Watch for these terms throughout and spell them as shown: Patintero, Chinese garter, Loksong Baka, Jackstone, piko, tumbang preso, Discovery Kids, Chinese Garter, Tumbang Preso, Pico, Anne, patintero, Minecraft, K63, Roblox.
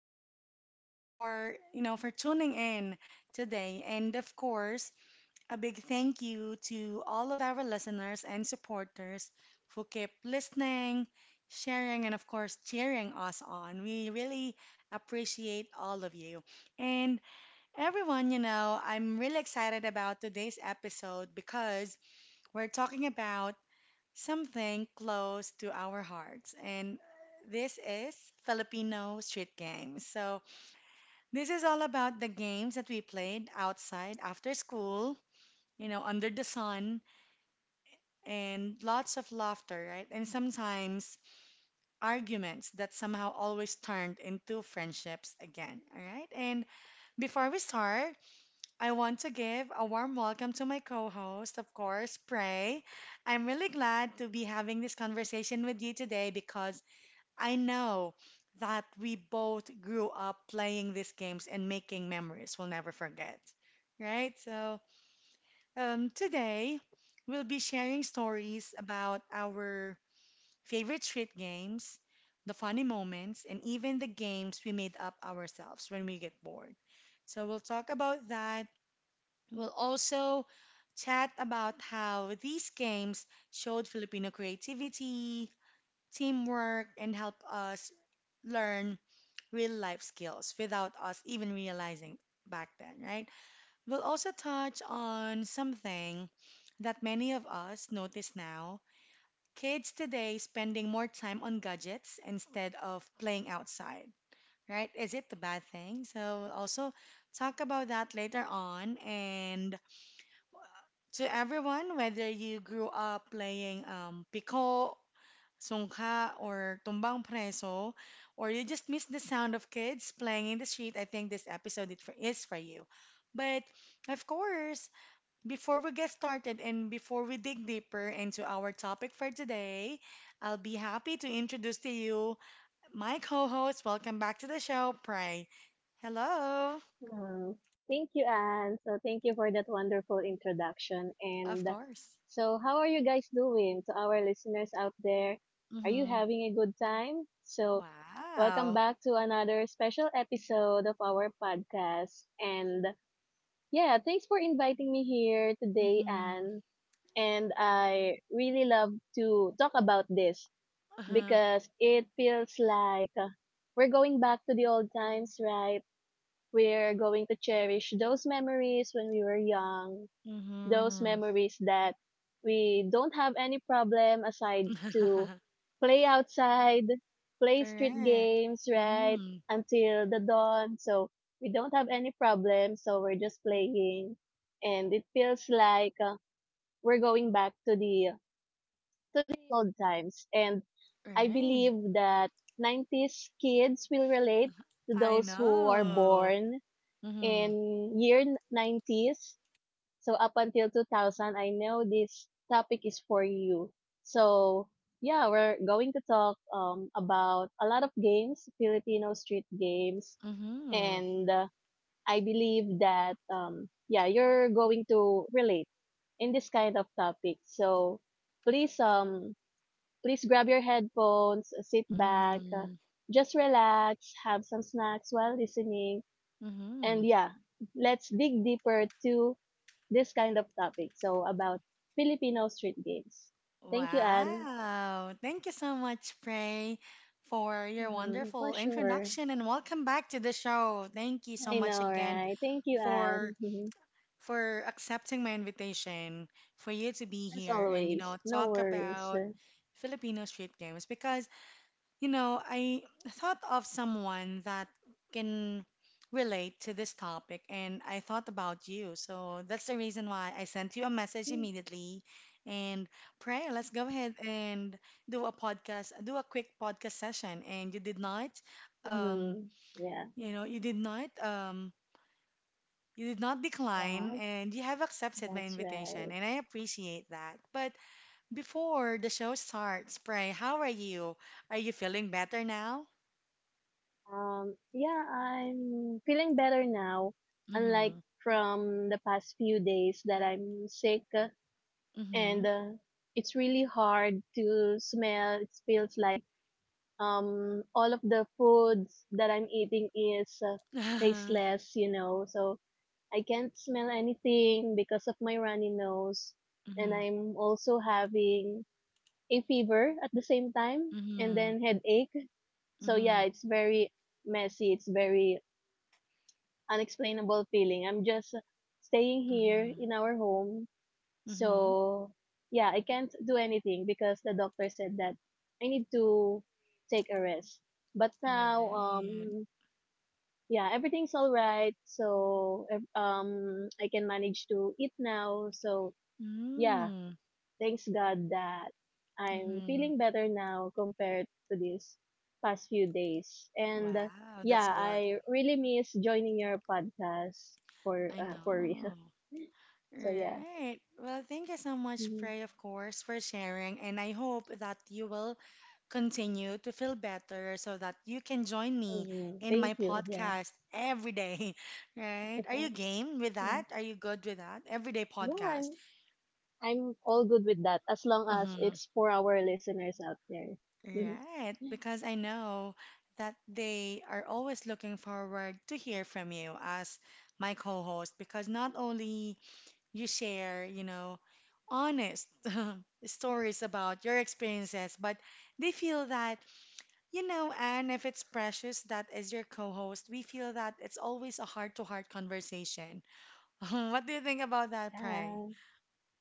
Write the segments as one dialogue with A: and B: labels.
A: so much for, for tuning in today. And of course, a big thank you to all of our listeners and supporters who keep listening, sharing, and of course, cheering us on. We really appreciate all of you. And everyone, I'm really excited about today's episode because we're talking about something close to our hearts, and this is Filipino street games. So, this is all about the games that we played outside after school, under the sun, and lots of laughter, right? And sometimes arguments that somehow always turned into friendships again, all right? And before we start, I want to give a warm welcome to my co host, of course, Prey. I'm really glad to be having this conversation with you today because I know that we both grew up playing these games and making memories we'll never forget, right? So, today we'll be sharing stories about our favorite street games, the funny moments, and even the games we made up ourselves when we get bored. So, we'll talk about that. We'll also chat about how these games showed Filipino creativity, teamwork, and help us learn real life skills without us even realizing back then, right? We'll also touch on something that many of us notice now. Kids today spending more time on gadgets instead of playing outside, right? Is it a bad thing? So we'll also talk about that later on. And to everyone, whether you grew up playing Pico sungka or tumbang preso, or you just miss the sound of kids playing in the street, I think this episode is is for you. But of course, before we get started and before we dig deeper into our topic for today, I'll be happy to introduce to you my co host. Welcome back to the show, Pray. Hello.
B: Hmm. Thank you, Anne. So thank you for that wonderful introduction.
A: Of
B: And
A: course.
B: so how are you guys doing to our listeners out there? Are you
A: Mm-hmm.
B: having a good time? So welcome
A: Wow.
B: back to another special episode of our podcast. And yeah, thanks for inviting me here today,
A: Mm-hmm.
B: Anne. And I really love to talk about this
A: Uh-huh.
B: because it feels like we're going back to the old times, right? We're going to cherish those memories when we were young, those
A: Mm-hmm.
B: memories that we don't have any problem aside to play outside, play street
A: Correct.
B: games, right? Until the dawn. So we don't have any problem. So we're just playing. And it feels like we're going back to the old times. And I
A: Right.
B: believe that 90s kids will relate to
A: I
B: those who are
A: know.
B: born in
A: Mm-hmm.
B: year 90s. So up until 2000, I know this topic is for you. So yeah, we're going to talk about a lot of games, Filipino street games,
A: Mm-hmm.
B: and I believe that yeah, you're going to relate in this kind of topic. So please um please grab your headphones, sit back,
A: Mm-hmm.
B: just relax, have some snacks while listening.
A: Mm-hmm.
B: And yeah, let's dig deeper to this kind of topic. So about Filipino street games. Thank you, Anne.
A: Wow. Thank you so much, Prey, for your
B: Mm-hmm, for
A: wonderful
B: sure.
A: introduction and welcome back to the show. Thank you so
B: I
A: much
B: know,
A: again
B: right? Thank you,
A: for
B: Anne. Mhm.
A: for accepting my invitation for you to be
B: As
A: here and
B: always, no
A: talk
B: worries.
A: about Filipino street games because I thought of someone that can relate to this topic, and I thought about you. So that's the reason why I sent you a message
B: Mm-hmm.
A: immediately. And pray, let's go ahead and do a podcast, do a quick podcast session. And you did not, um,
B: Yeah, yeah,
A: you did not, you did not decline, and you have accepted my
B: that's
A: invitation,
B: right.
A: and I appreciate that. But before the show starts, pray, how are you? Are you feeling better now?
B: Yeah, I'm feeling better now. Unlike
A: Hmm.
B: from the past few days that I'm sick, and
A: Mhm.
B: it's really hard to smell. It feels like all of the foods that I'm eating is
A: Mhm.
B: tasteless. So I can't smell anything because of my runny nose, and I'm also having a fever at the same time, and
A: Mhm.
B: then headache. So yeah,
A: Mhm.
B: it's very messy. It's very unexplainable feeling. I'm just staying here
A: Mhm.
B: in our home.
A: Mhm.
B: So yeah, I can't do anything because the doctor said that I need to take a rest. But now,
A: Right.
B: yeah, everything's all right. So I can manage to eat now. So yeah,
A: Mm.
B: thanks God that I'm
A: Mhm.
B: feeling better now compared to these past few days. And
A: Wow, that's
B: yeah,
A: good.
B: I really miss joining your podcast for
A: I
B: uh, for real.
A: know.
B: So yeah.
A: Right. Well, thank you so much,
B: Mhm.
A: Prey, of course, for sharing, and I hope that you will continue to feel better so that you can join me
B: Mhm.
A: in
B: Thank
A: my
B: you. Yeah.
A: podcast every day, right?
B: Is
A: Are you game with
B: Yeah,
A: that? Are you good with that? Everyday
B: yeah,
A: podcast.
B: I'm all good with that as long as it's for our listeners out there.
A: Right, because I know that they are always looking forward to hear from you as my co-host because not only you share, honest stories about your experiences, but they feel that, and if it's precious that is your co-host, we feel that it's always a heart-to-heart conversation. What do you think about that,
B: Yeah,
A: Pray?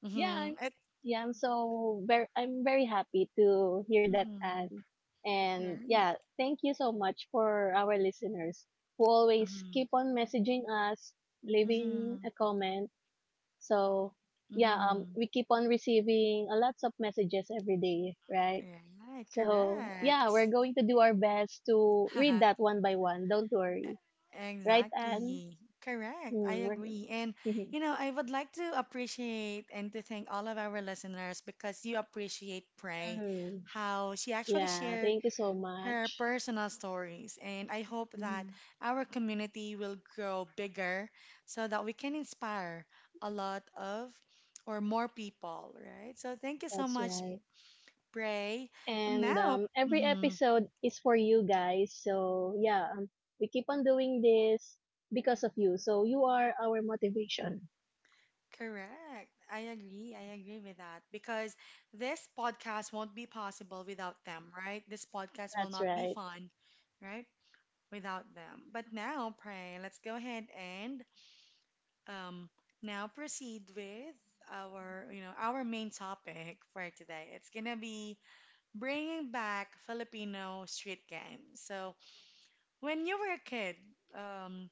B: yeah, I'm
A: Mm-hmm. It,
B: yeah, I'm so very I'm very happy to hear that,
A: mm-hmm.
B: Anne. And
A: Right.
B: yeah, thank you so much for our listeners who always
A: Mm-hmm.
B: keep on messaging us, leaving
A: Mm-hmm.
B: a comment. So yeah,
A: Mm-hmm.
B: we keep on receiving a lots of messages every day, right?
A: Right,
B: So, yeah,
A: correct.
B: we're going to do our best to read that one by one. Don't worry. Right, Anne?
A: Exactly. Correct. I
B: Hmm.
A: agree. And, I would like to appreciate and to thank all of our listeners because you appreciate Pray,
B: Mhm.
A: how she actually
B: Yeah,
A: shared
B: thank you so
A: her
B: much.
A: personal stories. And I hope that
B: Mhm.
A: our community will grow bigger so that we can inspire a lot of or more people, right? So thank you so
B: That's
A: much,
B: right.
A: Pray.
B: And
A: Now,
B: every
A: mm-hmm.
B: episode is for you guys. So, yeah, we keep on doing this because of you. So, you are our motivation.
A: Correct. I agree. I agree with that because this podcast won't be possible without them, right? This podcast will
B: That's
A: not be
B: right.
A: fun, right? Without them. But now, pray, let's go ahead and um now proceed with our, our main topic for today. It's gonna be bringing back Filipino street games. So, when you were a kid, um,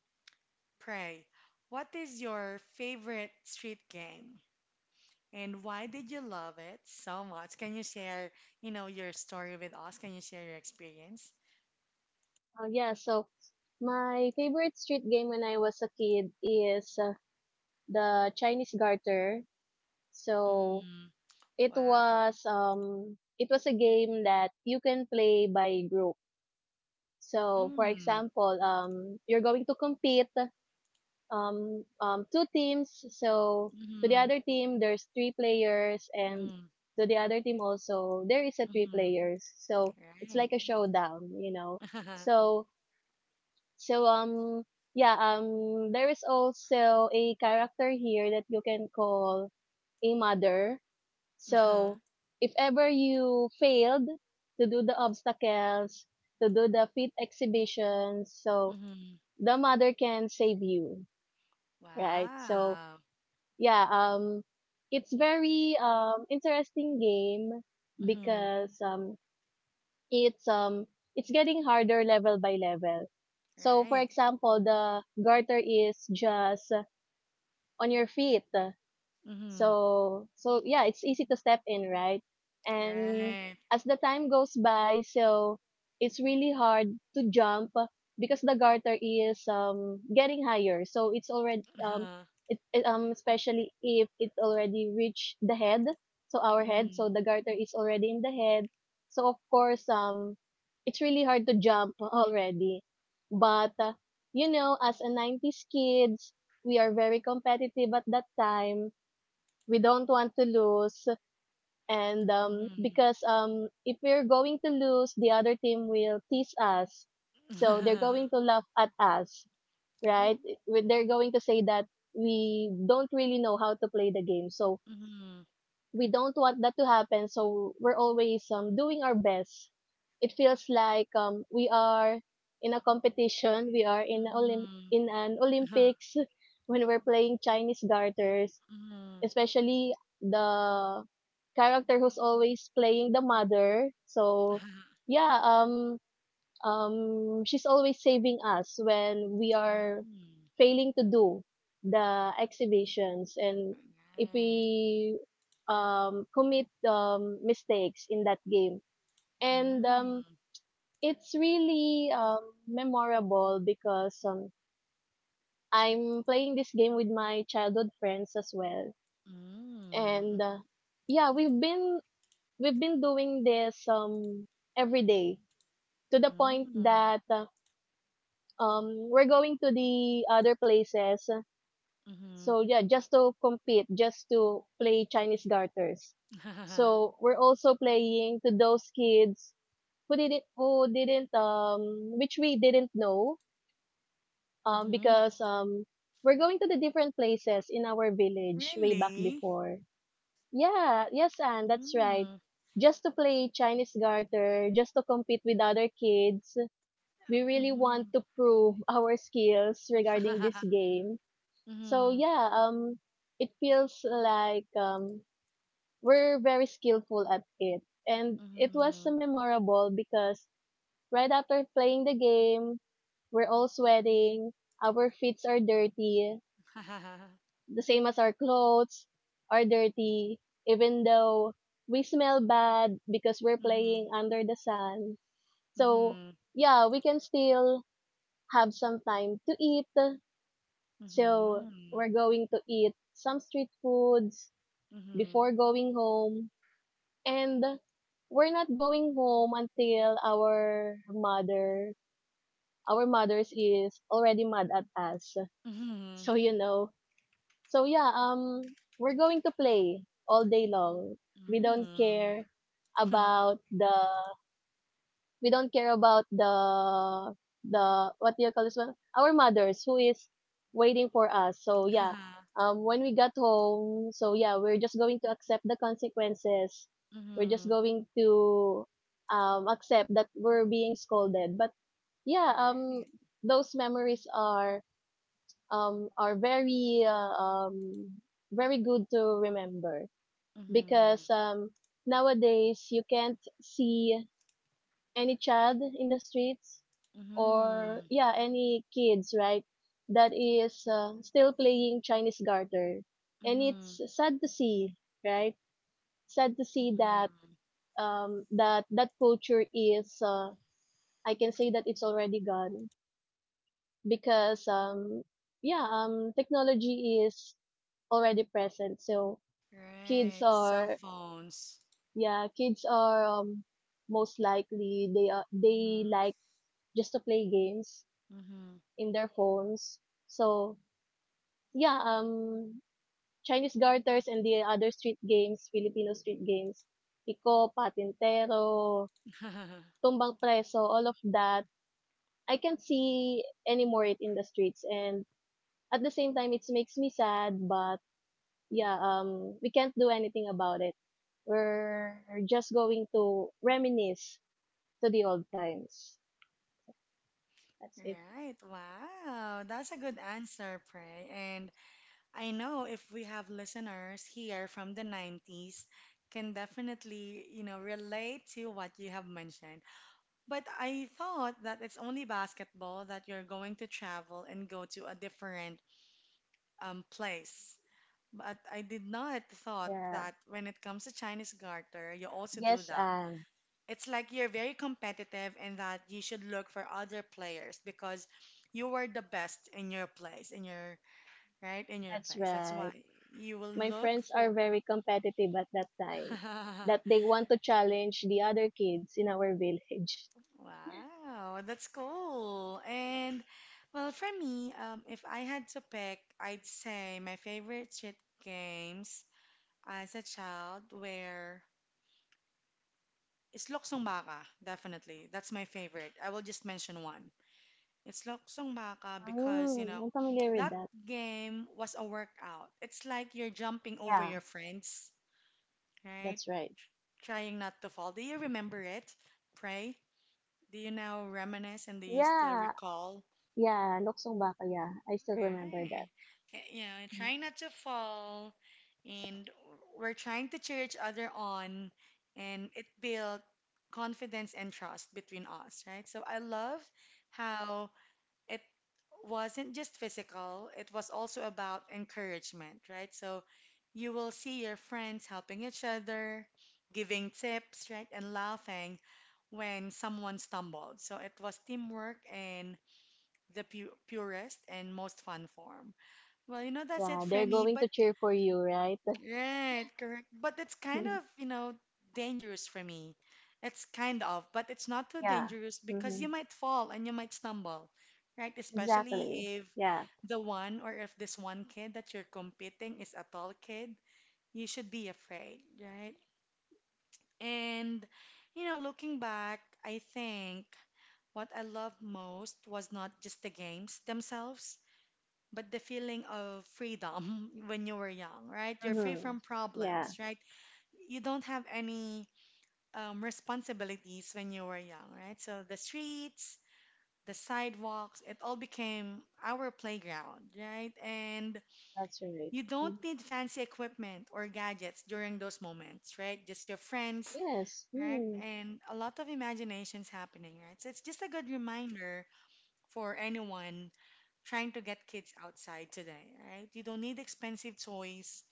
A: pray, what is your favorite street game? And why did you love it so much? Can you share, your story with us? Can you share your experience?
B: Oh, yeah, so my favorite street game when I was a kid is the Chinese garter. So,
A: Mm,
B: it
A: wow.
B: was um it was a game that you can play by group. So for
A: Mm,
B: example, you're going to compete two teams. So to the
A: mm-hmm,
B: other team there's three players, and
A: mm-hmm,
B: to the other team also there is a three
A: mm-hmm.
B: players. So it's
A: Right.
B: like a showdown. So so, yeah, there is also a character here that you can call a mother.
A: Uh-huh.
B: So, if ever you failed to do the obstacles, to do the fit exhibitions, so
A: Mm-hmm.
B: the mother can save you, right? So,
A: Wow.
B: yeah, it's very interesting game
A: Mm-hmm.
B: because it's um it's getting harder level by level. So, for
A: Right.
B: example, the garter is just on your feet.
A: Mm-hmm.
B: So, yeah, it's easy to step in, right? And
A: Right.
B: as the time goes by, so it's really hard to jump because the garter is getting higher. So it's already
A: Uh-huh.
B: it, it especially if it already reached the head, so our head,
A: Mm-hmm.
B: so the garter is already in the head. So of course it's really hard to jump already. But as a 90s kids, we are very competitive at that time. We don't want to lose, and
A: Mm-hmm.
B: because if we're going to lose, the other team will tease us, so they're going to laugh at us,
A: Right.
B: right? When they're going to say that we don't really know how to play the game, so
A: Mm-hmm.
B: we don't want that to happen, so we're always doing our best. It feels like we are in a competition. We are in
A: Mm-hmm.
B: in an
A: Uh-huh.
B: Olympics when we're playing Chinese garters,
A: Mm-hmm.
B: especially the character who's always playing the mother. So yeah, she's always saving us when we are
A: Mm.
B: failing to do the exhibitions and if
A: Right.
B: we commit mistakes in that game. And
A: Mm.
B: it's really memorable because I'm playing this game with my childhood friends as well.
A: Mm,
B: And yeah, we've been doing this every day, to the point
A: mm,
B: that we're going to the other places,
A: mhm.
B: so yeah, just to compete, just to play Chinese garters. So we're also playing to those kids who didn't which we didn't know,
A: Mhm.
B: because we're going to the different places in our village way back
A: Really?
B: before. Yeah, yes, and that's right.
A: Mm,
B: Just to play Chinese garter, just to compete with other kids, we really want
A: mhm.
B: to prove our skills regarding this game. So
A: Mhm,
B: yeah, it feels like we're very skillful at it, and it was
A: mhm.
B: memorable because right after playing the game, we're all sweating, our feet are dirty, the same as our clothes are dirty, even though we smell bad because we're playing
A: Mhm,
B: under the sun. So,
A: mhm,
B: yeah, we can still have some time to eat. So, we're going to eat some street foods
A: mhm, mhm,
B: before going home. And we're not going home until our mother, our mothers is already mad at us. So,
A: mhm.
B: so yeah, we're going to play all day long. We don't
A: Mm.
B: care about the, we don't care about the what do you call this one? Our mothers who is waiting for us. So yeah, when we got home, so yeah, we're just going to accept the consequences. We're just
A: Mhm,
B: going to accept that we're being scolded. But yeah,
A: Right.
B: those memories are very good to remember because,
A: Mhm,
B: nowadays you can't see any child in the streets, or
A: mhm,
B: yeah, any kids, right, that is still playing Chinese garter, and it's
A: mhm,
B: sad to see, right, sad to see
A: mhm,
B: that, that culture is, I can say that it's already gone, because yeah technology is already present. So kids
A: Right. Cell
B: are
A: phones.
B: yeah, kids are most likely they like just to play games
A: Mhm, mhm.
B: in their phones. So yeah, Chinese garters and the other street games, Filipino street games, piko, patintero, tumbang preso, all of that. I can't see anymore it in the streets, and at the same time it makes me sad, but yeah, we can't do anything about it. We're just going to reminisce to the old times. That's it.
A: Right. Wow. That's a good answer, Prey. And I know if we have listeners here from the 90s can definitely, relate to what you have mentioned. But I thought that it's only basketball that you're going to travel and go to a different place. But I did not thought
B: Yeah.
A: that when it comes to Chinese garter, you also do
B: Yes.
A: that. It's like you're very competitive and that you should look for other players because you were the best in your place in your right in your
B: That's
A: place that's why
B: right.
A: you will
B: My
A: look
B: friends
A: for.
B: are very competitive at that time, that they want to challenge the other kids in our village.
A: Wow, that's cool. And well for me, if I had to pick I'd say my favorite street games as a child were it's Loksong Baka, definitely. That's my favorite. I will just mention one. It's Loksong Baka because,
B: Mm, I'm familiar with
A: that
B: that.
A: game was a workout. It's like you're jumping over
B: Yeah,
A: your friends, right?
B: that's right.
A: Trying not to fall. Do you remember it? Pray? Do you now reminisce and do you still
B: Yeah,
A: recall?
B: yeah, Loksong Baka, yeah. I still remember that.
A: Right. Okay.
B: Mhm.
A: Trying not to fall, and we're trying to cheer each other on, and it built confidence and trust between us, right? So I love how it wasn't just physical, it was also about encouragement, right? So you will see your friends helping each other, giving tips, right, and laughing when someone stumbled. So it was teamwork in the pu purest and most fun form. Well, that's it
B: Yeah,
A: for
B: they're
A: me,
B: going
A: but
B: to cheer for you, right?
A: Right, correct. But it's kind of, dangerous for me. It's kind of, but it's not too
B: Yeah.
A: dangerous
B: Hmm.
A: because you might fall and you might stumble, right?
B: Exactly.
A: Especially if
B: Yeah.
A: the one or if this one kid that you're competing is a tall kid, you should be afraid, right? And, looking back, I think what I loved most was not just the games themselves, but the feeling of freedom when you were young, right? You're free
B: Hmm.
A: from
B: Yeah.
A: problems, right? You don't have any responsibilities when you were young, right? So the streets, the sidewalks, it all became our playground, right? And
B: That's right.
A: you
B: Mm.
A: don't need fancy equipment or gadgets during those moments, right? Just your friends,
B: Yes.
A: right?
B: Mm.
A: And a lot of imaginations happening, right? So it's just a good reminder for anyone trying to get kids outside today, right? You don't need expensive toys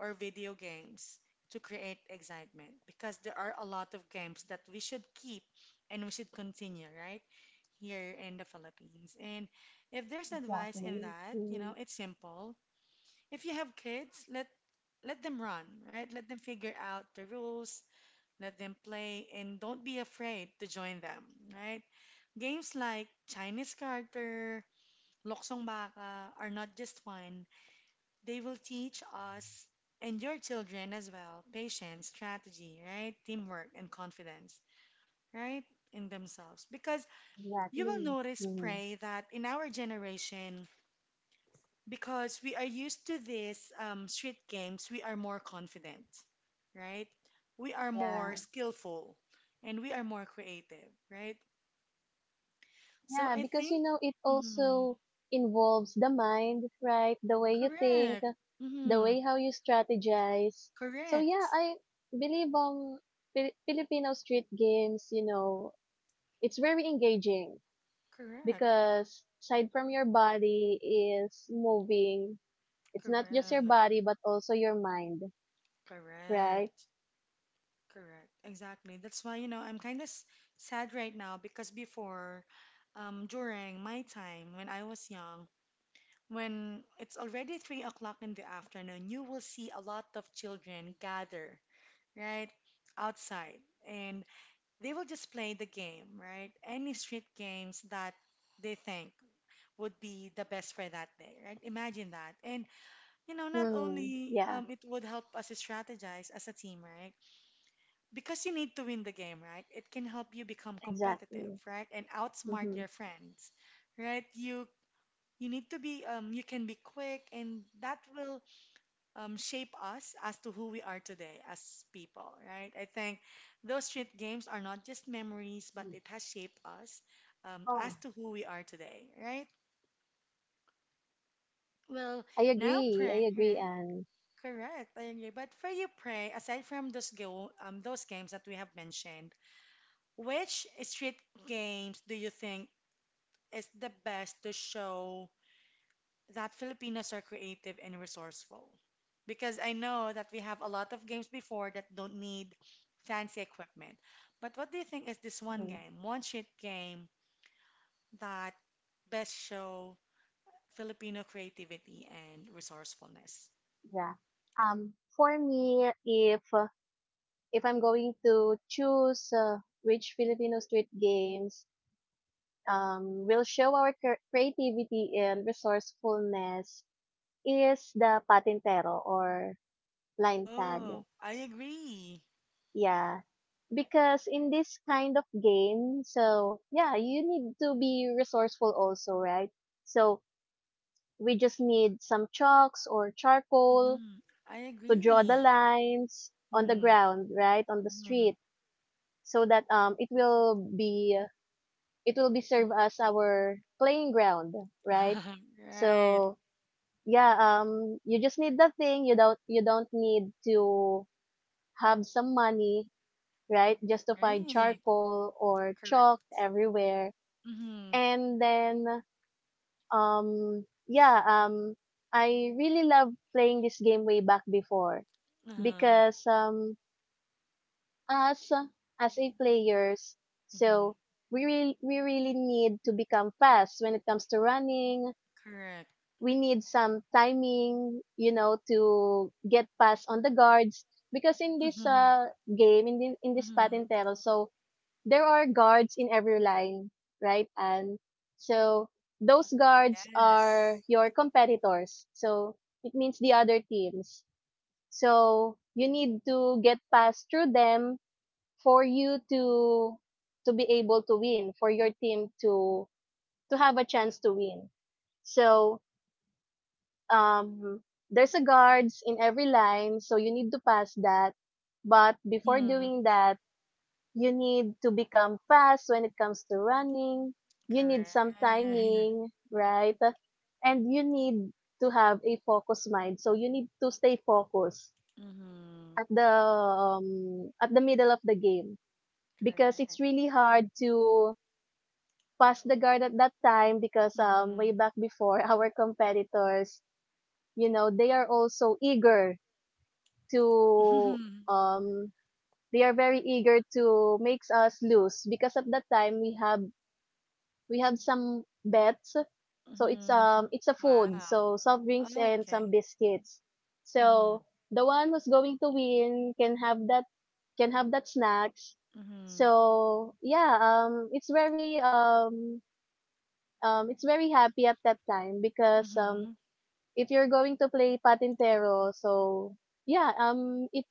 A: or video games to create excitement because there are a lot of games that we should keep and we should continue, right? Here in the Philippines. And if there's advice in
B: Exactly.
A: that,
B: Mm.
A: it's simple. If you have kids, let them run, right? Let them figure out the rules, let them play, and don't be afraid to join them, right? Games like Chinese character, Loksong Baka are not just fun, they will teach us and your children as well patience, strategy, right? Teamwork and confidence, right? In themselves. Because you will
B: Exactly.
A: notice,
B: Mm.
A: Pray, that in our generation, because we are used to these street games, we are more confident, right? We are more
B: Yeah.
A: skillful and we are more creative, right? So
B: Yeah,
A: I
B: because you
A: think,
B: know it
A: mhm,
B: also involves the mind, right? The way you think,
A: correct,
B: the
A: mhm,
B: way how you strategize. So yeah,
A: correct.
B: I believe Filipino street games, it's very engaging
A: Correct.
B: because aside from your body is moving, it's not just your
A: Correct,
B: body but also your mind, right?
A: correct, correct. Exactly. That's why, I'm kind of sad right now because before, during my time when I was young, when it's already 3 o'clock in the afternoon, you will see a lot of children gather, right, outside, and they will just play the game, right? Any street games that they think would be the best for that day, right? Imagine that. And not
B: Hmm.
A: only
B: Yeah,
A: it would help us strategize as a team, right? Because you need to win the game, right? It can help you become competitive,
B: exactly.
A: right? And outsmart
B: Mm-hmm.
A: your friends, right? You need to be you can be quick and that will shape us as to who we are today as people, right? I think those street games are not just memories, but it has shaped us as to who we are today, right? Well,
B: I
A: now
B: agree.
A: pray,
B: I agree,
A: right?
B: Anne.
A: Correct, I agree. But for you, pray, aside from those games that we have mentioned, which street games do you think is the best to show that Filipinos are creative and resourceful? Because I know that we have a lot of games before that don't need fancy equipment. But what do you think is this one
B: Hmm.
A: game, one street game that best show Filipino creativity and resourcefulness?
B: Yeah. For me, if I'm going to choose which Filipino street games will show our creativity and resourcefulness is the patintero or line tag.
A: Oh, I agree.
B: Yeah, because in this kind of game, so yeah, you need to be resourceful also, right? So we just need some chalks or charcoal
A: Hmm. I
B: to draw the
A: agree.
B: lines on the
A: Hmm.
B: ground, right, on the
A: Hmm.
B: street, so that it will be serve as our playing ground, right.
A: Right,
B: So yeah, you just need the thing, you don't need to have some money, right, just to find
A: right.
B: charcoal or chalk
A: Correct.
B: everywhere.
A: Mm-hmm.
B: And then um yeah um I really love playing this game way back before
A: Uh-huh.
B: because us as a players.
A: Mm-hmm.
B: So we really need to become fast when it comes to running.
A: Correct.
B: We need some timing, to get past on the guards because in this
A: Mm-hmm.
B: game, in this
A: Mm-hmm.
B: Patintero, so there are guards in every line, right? And so those guards are
A: Yes.
B: your competitors. So it means the other teams. So you need to get past through them for you to be able to win, for your team to have a chance to win. So um, there's a guards in every line, so you need to pass that. But before
A: Mm-hmm.
B: doing that, you need to become fast when it comes to running. You need
A: Correct.
B: some timing, right? And you need to have a focused mind. So you need to stay focused
A: Mm-hmm.
B: at the middle of the game because it's
A: Correct.
B: really hard to passed the guard at that time because way
A: Mm-hmm.
B: back before our competitors, they are also eager to,
A: Mm-hmm.
B: um they are very eager to makes us lose because at that time we have some bets. So it's
A: Mm-hmm.
B: um it's a food,
A: Wow.
B: so soft drinks and some
A: Okay.
B: biscuits.
A: Mm-hmm.
B: So the one who's going to win can have that snacks.
A: Mm-hmm.
B: So yeah, it's very happy at that time because
A: Mm-hmm.
B: if you're going to play patintero, so yeah, um, it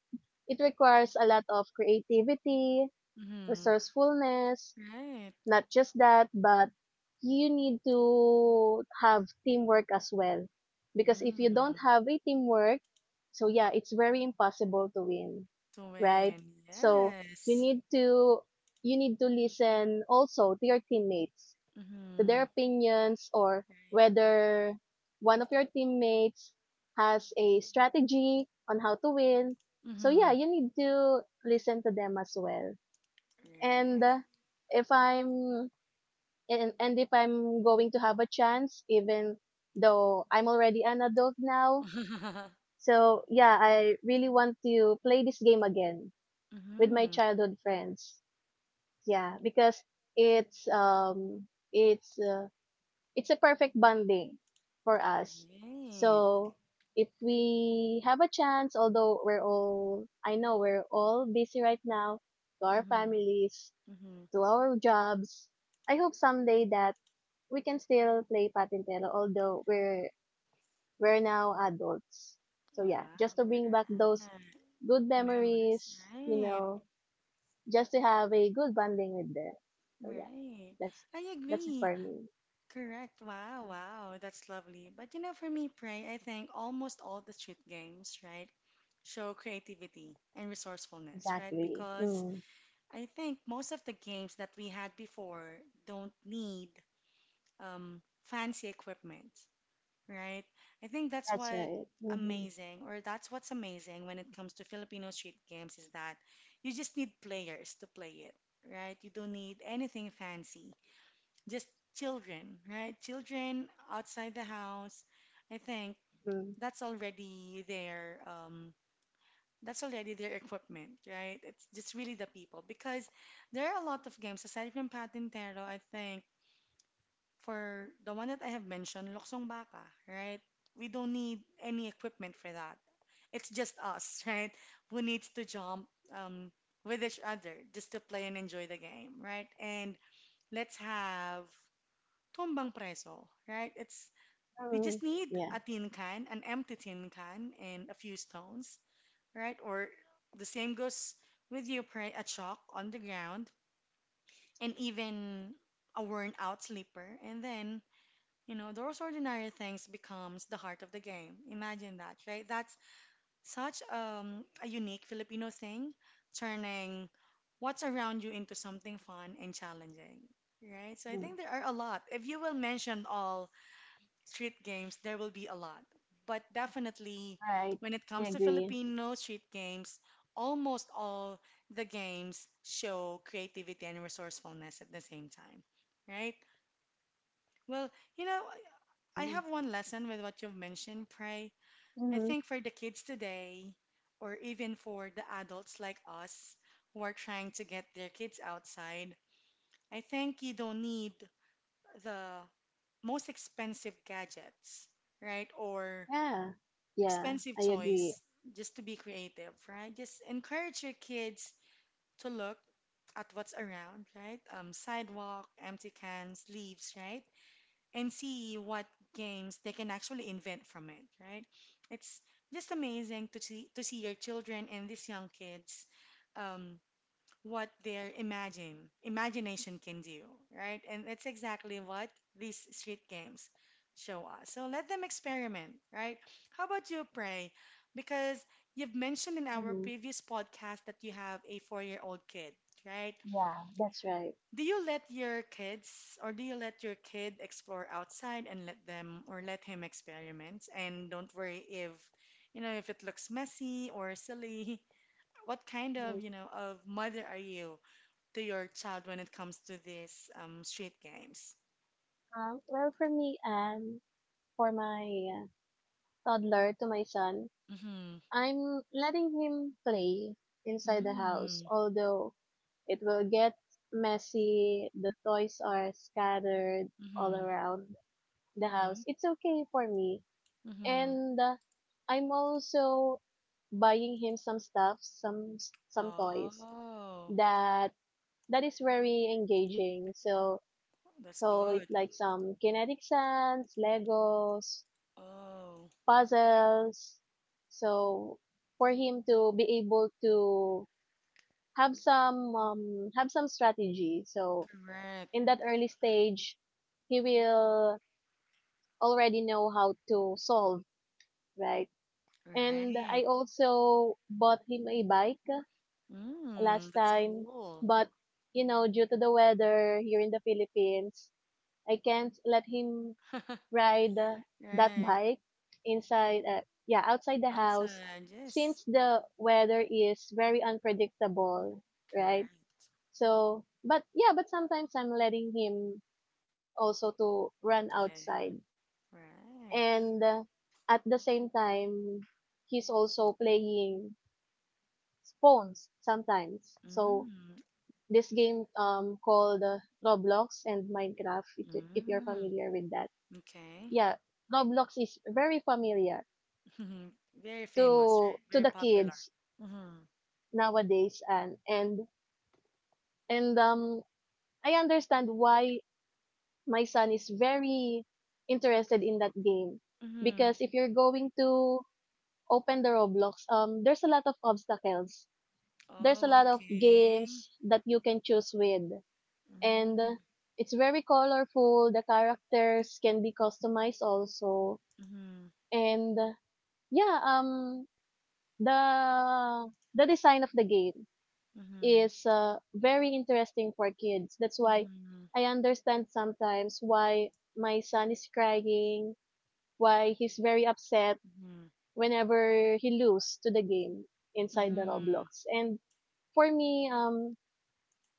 B: it requires a lot of creativity,
A: Mm-hmm.
B: resourcefulness.
A: Right.
B: Not just that, but you need to have teamwork as well, because if you don't
A: Mm-hmm.
B: have a teamwork, so yeah, it's very impossible to win,
A: To
B: right?
A: win.
B: So you
A: Yes.
B: need to you need to listen also to your teammates, to their
A: Mm-hmm.
B: opinions, or whether one of your teammates has a strategy on how to win.
A: Right.
B: So yeah,
A: Mm-hmm.
B: you need to listen to them as well. And if I'm if I'm going to have a chance, even though I'm already an adult now,
A: Right.
B: so yeah, I really want to play this game again with my
A: Mm-hmm.
B: childhood friends. Yeah, because it's um it's uh, it's a perfect bonding for us.
A: Right.
B: So if we have a chance, although we're all, I know we're all busy right now, to our
A: Mhm.
B: families,
A: Mhm.
B: to our jobs, I hope someday that we can still play Patintero, although we're now adults. So yeah, just to
A: Wow,
B: bring back those
A: right.
B: good
A: Memories,
B: memories, you
A: right?
B: know, just to have a good bonding with them. So yeah,
A: Right.
B: that's,
A: I
B: that's it
A: agree.
B: for me.
A: Correct. Wow, wow. That's lovely. But you know, for me, Pray, I think almost all the street games, right, show creativity and resourcefulness, right?
B: Exactly.
A: Because
B: Hmm.
A: I think most of the games that we had before don't need fancy equipment, right? I think that's
B: That's
A: what
B: right. Mhm.
A: amazing, or that's what's amazing when it comes to Filipino street games is that you just need players to play it, right? You don't need anything fancy, just children, right? Children outside the house. I think
B: Mm.
A: that's already their that's already their equipment, right? It's just really the people because there are a lot of games aside from Patintero. I think for the one that I have mentioned, Loksong Baka, right? We don't need any equipment for that. It's just us, right? Who needs to jump um, with each other just to play and enjoy the game, right? And let's have tumbang Preso, right? It's we
B: Mm.
A: just need
B: Yeah.
A: a tin can, an empty tin can, and a few stones, right? Or the same goes with your a chalk on the ground, and even a worn out slipper, and then you know, those ordinary things becomes the heart of the game. Imagine that, right? That's such a unique Filipino thing, turning what's around you into something fun and challenging, right? So I
B: Mm.
A: think there are a lot. If you will mention all street games, there will be a lot. But definitely,
B: All right.
A: when it
B: I
A: comes to
B: agree.
A: Filipino street games, almost all the games show creativity and resourcefulness at the same time, right? Well, you know, I
B: Mm.
A: have one lesson with what you've mentioned, Pray. I
B: Mhm.
A: think for the kids today, or even for the adults like us who are trying to get their kids outside, I think you don't need the most expensive gadgets, right? Or
B: Yeah. Yeah.
A: expensive
B: I
A: toys
B: agree.
A: just to be creative, right? Just encourage your kids to look at what's around, right? Sidewalk, empty cans, leaves, right? And see what games they can actually invent from it, right? It's just amazing to see your children and these young kids um, what their imagine imagination can do, right? And that's exactly what these street games show us. So let them experiment, right? How about you, Pray? Because you've mentioned in our
B: Mhm.
A: previous podcast that you have a four-year-old kid, right?
B: Yeah. That's right.
A: Do you let your kids, or do you let your kid explore outside and let them or let him experiment? And don't worry if, you know, if it looks messy or silly. What kind of,
B: Mm.
A: you know, of mother are you to your child when it comes to these street games?
B: Well, for me, for my toddler, to my son,
A: Mm-hmm.
B: I'm letting him play inside the house,
A: Mm-hmm.
B: although it will get messy. The toys are scattered all
A: Mm-hmm.
B: around the
A: Mm-hmm.
B: house. It's okay for me.
A: Mm-hmm.
B: And I'm also buying him some stuff, some toys
A: Oh,
B: that that is very engaging. So
A: that's
B: it's
A: good.
B: like some kinetic sands, Legos,
A: Oh,
B: puzzles. So for him to be able to have some strategy. So
A: correct.
B: in that early stage, he will already know how to solve, right? And I
A: Right.
B: also bought him a bike last
A: Mm, that's
B: time,
A: cool.
B: but due to the weather here in the Philippines, I can't let him ride that
A: Right.
B: bike inside uh, yeah, outside the house,
A: Outside, yes,
B: since the weather is very unpredictable, right?
A: correct.
B: So, but yeah, but sometimes I'm letting him also to run outside.
A: Play, right.
B: And at the same time, he's also playing phones sometimes. So
A: Mm,
B: this game called Roblox and Minecraft, if you're
A: mm,
B: familiar with that.
A: okay.
B: Yeah, Roblox is very familiar
A: Very famous,
B: to
A: right?
B: to
A: Very
B: the
A: popular.
B: kids
A: Mm-hmm.
B: nowadays, and I understand why my son is very interested in that game
A: Mm-hmm.
B: because if you're going to open the Roblox, there's a lot of obstacles. There's a
A: Oh,
B: lot of
A: okay.
B: games that you can choose with. And
A: Mm-hmm.
B: it's very colorful. The characters can be customized also,
A: Mm-hmm.
B: and yeah, the design of the game is very interesting for kids. That's why
A: Mm-hmm.
B: I understand sometimes why my son is crying, why he's very upset
A: Mm-hmm.
B: whenever he lose to the game
A: Mm-hmm.
B: inside the
A: Mm-hmm.
B: Roblox. And for me,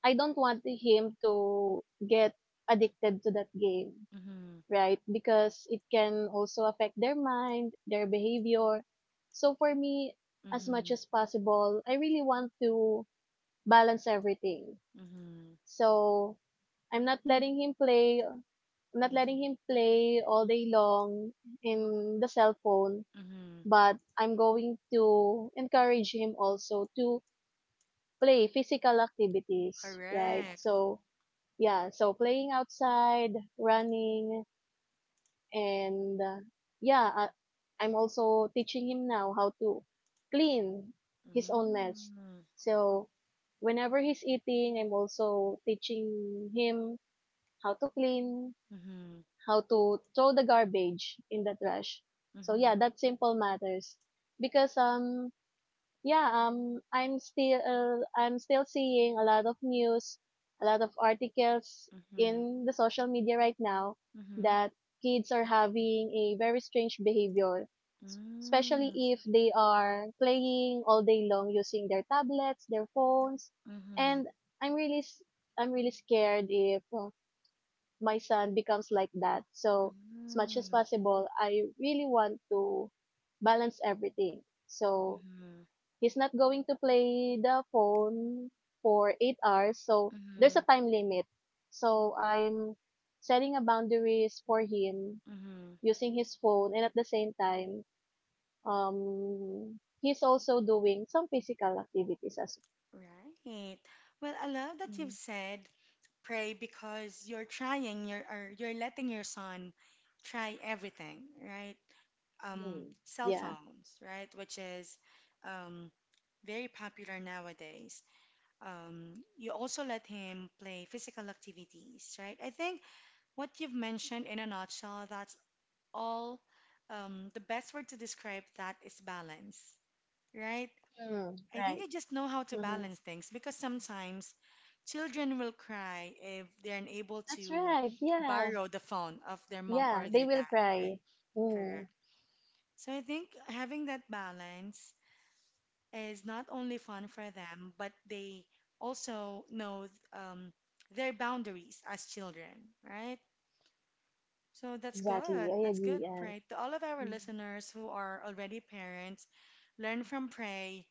B: I don't want him to get addicted to that game, right? Because it can also affect their mind, their behavior. So for me, as much
A: Mm-hmm.
B: as possible, I really want to balance everything.
A: Mm-hmm.
B: So I'm not letting him play, I'm not letting
A: Mm-hmm.
B: him play all day long in the cell phone,
A: Mm-hmm.
B: but I'm going to encourage him also to play physical activities, right?
A: Correct.
B: So yeah, so playing outside, running. And yeah, I'm also teaching him now how to clean his own mess.
A: Mm-hmm.
B: So whenever he's eating, I'm also teaching him how to clean,
A: Mm-hmm.
B: how to throw the garbage in the trash. So yeah,
A: Mm-hmm.
B: that simple matters. Because Yeah, I'm still seeing a lot of news, a lot of articles
A: Mm-hmm.
B: in the social media right now,
A: Mm-hmm.
B: that kids are having a very strange behavior, s- especially if they are playing all day long using their tablets, their phones.
A: Mm-hmm.
B: And I'm really scared if my son becomes like that. So as much as
A: Mm,
B: possible, I really want to balance everything. So
A: mhm,
B: he's not going to play the phone for 8 hours. So there's a
A: mhm,
B: time limit. So I'm setting a boundaries for him
A: mhm.
B: using his phone, and at the same time, he's also doing some physical activities as
A: Right. Well, I love that you've
B: Mm.
A: said, Pray, because you're trying, you're or you're letting your son try everything, right?
B: Mm,
A: Cell
B: yeah.
A: phones, right? Which is um, very popular nowadays. Um, you also let him play physical activities, right? I think what you've mentioned in a nutshell, that's all. The best word to describe that is balance, right?
B: Mm,
A: I think
B: right.
A: I just know how to
B: Mm-hmm.
A: balance things because sometimes children will cry if they're unable
B: That's
A: to
B: right. Yeah.
A: borrow the phone of their mom
B: Yeah.
A: or
B: They
A: their
B: will
A: dad,
B: cry.
A: right? Correct.
B: Mm,
A: So I think having that balance is not only fun for them, but they also know um, their boundaries as children, right? So that's
B: exactly.
A: good.
B: I
A: That's
B: agree.
A: good,
B: Yeah.
A: Pray. To all of our
B: Mm.
A: listeners who are already parents, learn from Pray.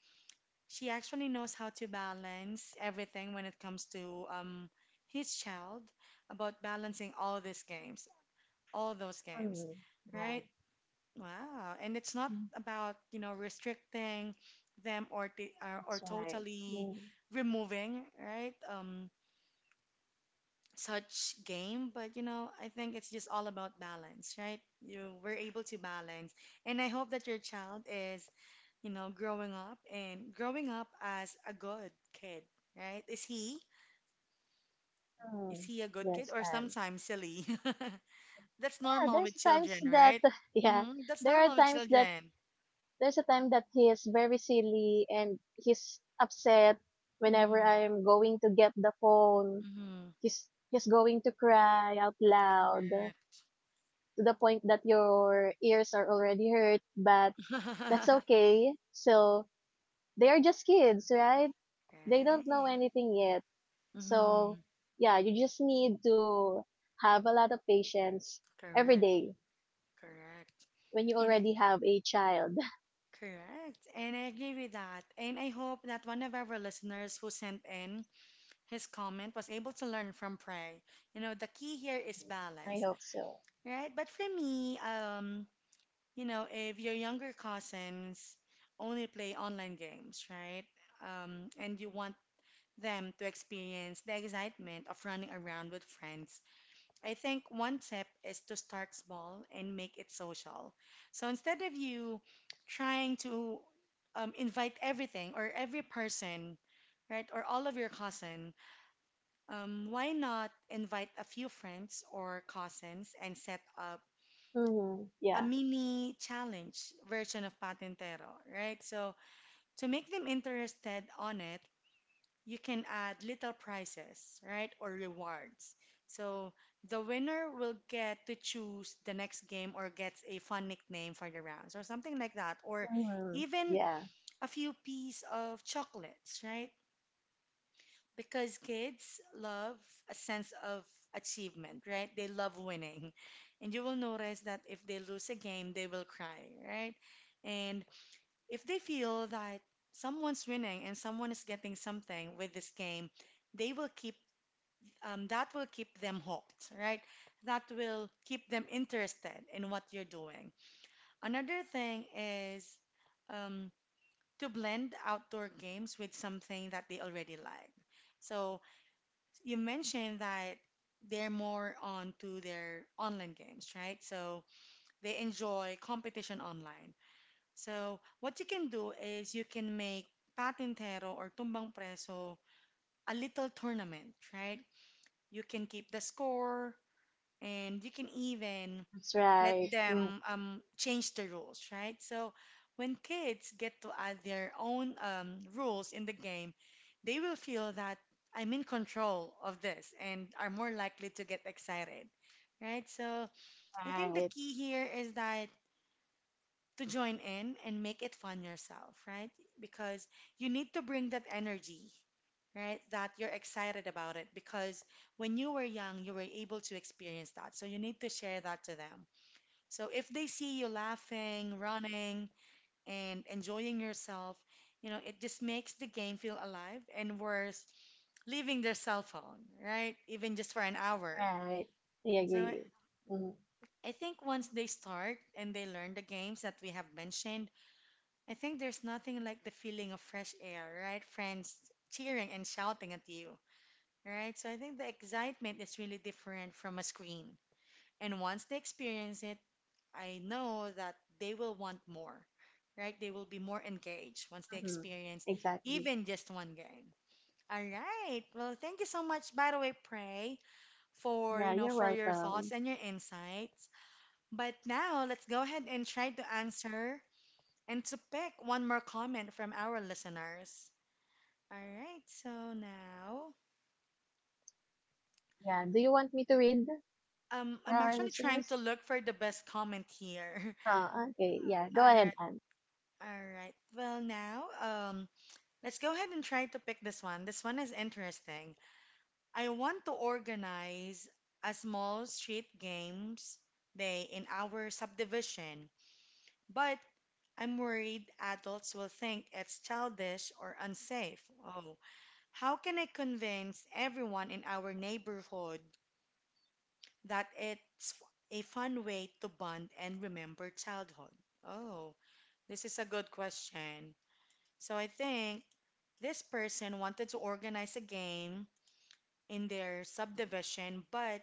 A: She actually knows how to balance everything when it comes to his child, about balancing all these games, all those games,
B: Mm,
A: right?
B: right.
A: Wow. And it's not
B: Mm.
A: about, you know, restricting them or
B: That's right.
A: totally
B: Mm.
A: removing, right? Such game, but you know, I think it's just all about balance, right? You we're able to balance, and I hope that your child is, you know, growing up as a good kid, right? Is he is
B: Mm,
A: he a good kid
B: yes.
A: or
B: And
A: sometimes silly? That's
B: yeah,
A: normal
B: there's
A: with
B: times
A: children,
B: that
A: right?
B: yeah,
A: Hmm. That's
B: there are
A: normal with
B: times that
A: children.
B: there's a time that he is very silly and he's upset whenever
A: Mm-hmm.
B: I'm going to get the phone.
A: Mm-hmm.
B: He's going to cry out loud
A: Correct.
B: to the point that your ears are already hurt, but that's okay. So they are just kids, right? They don't know
A: Right.
B: anything yet. So
A: Mm-hmm.
B: yeah, you just need to have a lot of patience every
A: Correct.
B: day
A: Correct.
B: When you
A: And
B: already have a child.
A: correct. And I agree with that. And I hope that one of our listeners who sent in his comment was able to learn from Prey. You know, the key here is
B: I
A: balance,
B: hope so.
A: right? But for me, you know, if your younger cousins only play online games, right? And you want them to experience the excitement of running around with friends, I think one tip is to start small and make it social. So instead of you trying to invite everything or every person, right, or all of your cousin, why not invite a few friends or cousins and set up
B: Hmm.
A: a
B: Yeah.
A: mini challenge version of Patentero, right? So to make them interested on it, you can add little prizes, right, or rewards. So the winner will get to choose the next game or gets a fun nickname for the rounds or something like that, or
B: Hmm.
A: even
B: Yeah.
A: a few pieces of chocolates, right? Because kids love a sense of achievement, right? They love winning. And you will notice that if they lose a game, they will cry, right? And if they feel that someone's winning and someone is getting something with this game, they will keep that will keep them hooked, right? That will keep them interested in what you're doing. Another thing is um, to blend outdoor games with something that they already like. So you mentioned that they're more onto their online games, right? So they enjoy competition online. So what you can do is you can make Patintero or Tumbang Preso a little tournament, right? You can keep the score, and you can even
B: That's
A: let
B: right. Mm.
A: them change the rules, right? So when kids get to add their own rules in the game, they will feel that I'm in control of this and are more likely to get excited, right? So I think the
B: Right.
A: key here is that to join in and make it fun yourself, right? Because you need to bring that energy, right? That you're excited about it because when you were young, you were able to experience that. So you need to share that to them. So if they see you laughing, running, and enjoying yourself, you know, it just makes the game feel alive and worth leaving their cell phone, right? Even just for an hour.
B: Right. I
A: So I
B: agree. Hmm.
A: I think once they start and they learn the games that we have mentioned, I think there's nothing like the feeling of fresh air, right? Friends cheering and shouting at you, right? So I think the excitement is really different from a screen. And once they experience it, I know that they will want more, right? They will be more engaged once they
B: Hmm.
A: experience
B: Exactly.
A: even just one game. All right. Well, thank you so much, by the way, Prey, for,
B: Yeah,
A: you know,
B: you're
A: for your thoughts
B: welcome.
A: and your insights. But now let's go ahead and try to answer and to pick one more comment from our listeners. All right. So now,
B: Yeah. Do you want me to read for
A: I'm
B: our
A: actually trying to
B: listeners?
A: look for the best comment here.
B: Huh, okay. Yeah. Go
A: All
B: ahead,
A: right.
B: Anne.
A: All right. Well, now, let's go ahead and try to pick this one. This one is interesting. I want to organize a small street games day in our subdivision, but I'm worried adults will think it's childish or unsafe. Oh, how can I convince everyone in our neighborhood that a fun way to bond and remember childhood? Oh, this is a good question. So I think this person wanted to organize a game in their subdivision, but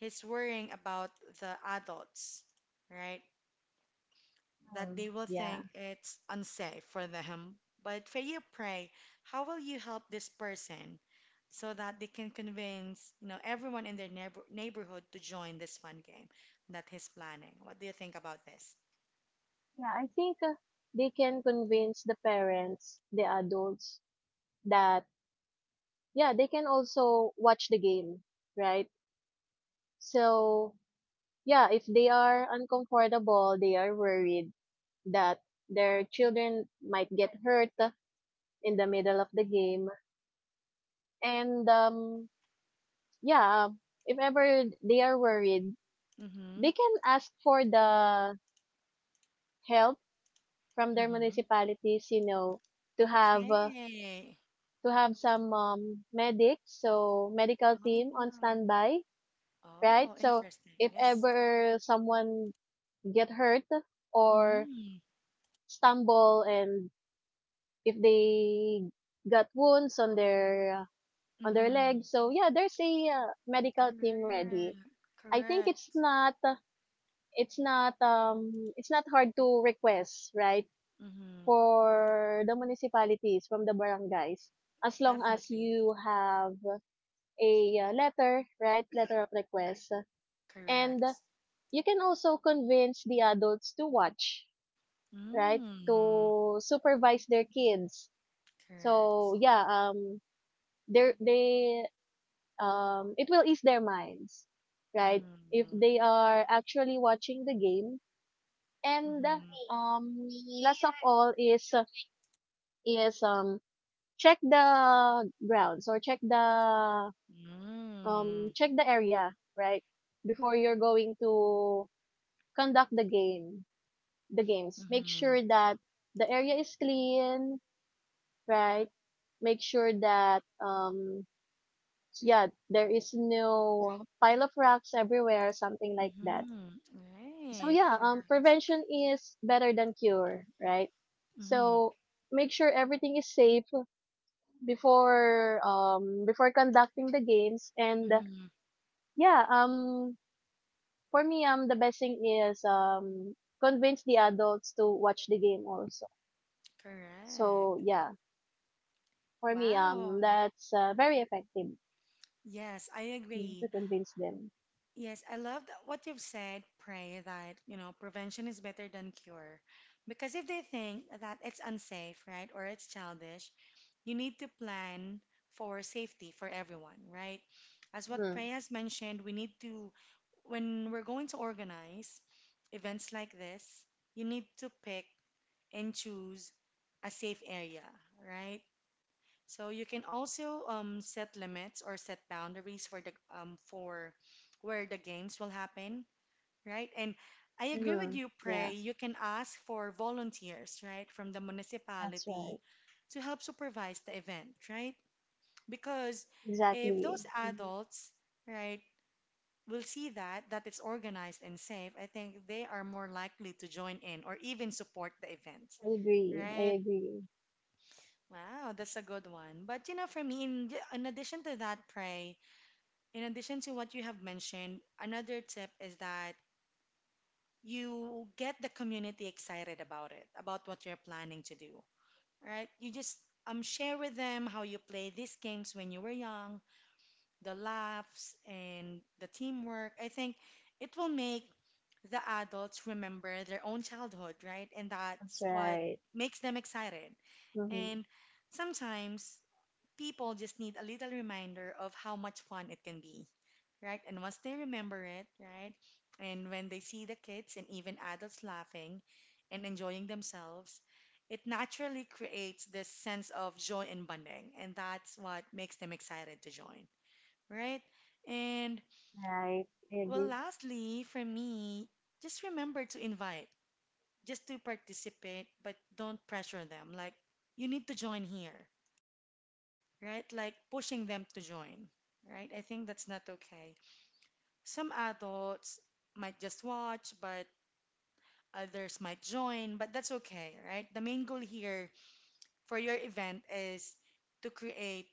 A: he's worrying about the adults, right? That
B: Mm,
A: they will
B: yeah.
A: think it's unsafe for them. But for you, pray, how will you help this person so that they can convince, you know, everyone in their neighborhood to join this fun game that he's planning? What do you think about this?
B: Yeah, I think they can convince the parents, the adults, that, yeah, they can also watch the game, right? So, yeah, if they are uncomfortable, they are worried that their children might get hurt in the middle of the game. And yeah, if ever they are worried,
A: Mm-hmm.
B: they can ask for the help from their
A: Mm-hmm.
B: municipalities, to have uh,
A: Okay.
B: to have some medics, so medical team on
A: Oh.
B: standby, right?
A: Oh,
B: So
A: interesting.
B: if
A: Yes.
B: ever someone get hurt or
A: Mm-hmm.
B: stumble, and if they got wounds on their legs.
A: Mm-hmm.
B: So yeah, there's a medical team ready.
A: Correct.
B: I think it's
A: Correct.
B: not uh, it's not um it's not hard to request, right?
A: Mm-hmm.
B: For the municipalities, from the barangays, as long as
A: Definitely.
B: you have a letter, right? Letter of request. And
A: Correct.
B: you can also convince the adults to watch, right?
A: Mm.
B: To supervise their kids. So
A: Correct.
B: yeah, they it will ease their minds, right? If
A: Mm-hmm.
B: they are actually watching the game. And
A: Mm-hmm.
B: um, last of all is check the grounds, or check the um
A: Mm.
B: check the area, right? Before you're going to conduct the game, the games, make
A: Mm-hmm.
B: sure that the area is clean, right? Make sure that yeah, there is no pile of rocks everywhere, something like that.
A: Mm-hmm.
B: So
A: Right.
B: yeah,
A: Correct.
B: prevention is better than cure, right?
A: Mm-hmm.
B: So make sure everything is safe before conducting the games. And
A: Mm-hmm.
B: yeah, for me, the best thing is, convince the adults to watch the game also.
A: Correct.
B: So yeah, for me,
A: Wow.
B: that's very effective,
A: Yes, I
B: to
A: agree.
B: convince them.
A: Yes, I love that what you've said, Pray, that, you know, prevention is better than cure. Because if they think that it's unsafe, right, or it's childish, you need to plan for safety for everyone, right? As what
B: Mm-hmm.
A: Pray has mentioned, we need to, when we're going to organize events like this, you need to pick and choose a safe area, right? So you can also set limits or set boundaries for the for where the games will happen, right? And I agree with
B: Mm.
A: you,
B: Yeah,
A: Prey. You can ask for volunteers, right, from the
B: that's right.
A: municipality to help supervise the event, right? Because if
B: Exactly.
A: those
B: Hmm.
A: adults, right, will see that it's organized and safe, I think they are more likely to join in or even support the event,
B: I agree. I
A: right?
B: agree.
A: Wow, that's a good one. But you know, for me, in addition to that, Pray, in addition to what you have mentioned, another tip is that you get the community excited about it, about what you're planning to do, right? You just share with them how you play these games when you were young, the laughs and the teamwork. I think it will make the adults remember their own childhood, right? And
B: That's
A: that's what
B: right.
A: makes them excited.
B: Hmm.
A: And sometimes people just need a little reminder of how much fun it can be, right? And once they remember it, right? And when they see the kids and even adults laughing and enjoying themselves, it naturally creates this sense of joy and bonding. And that's what makes them excited to join, right? And
B: Right. I
A: well,
B: agree.
A: lastly, for me, just remember to invite, just to participate, but don't pressure them. Like, you need to join here right? Like pushing them to join, right? I think that's not okay. Some adults might just watch, but others might join, but that's okay, right? The main goal here for your event is to create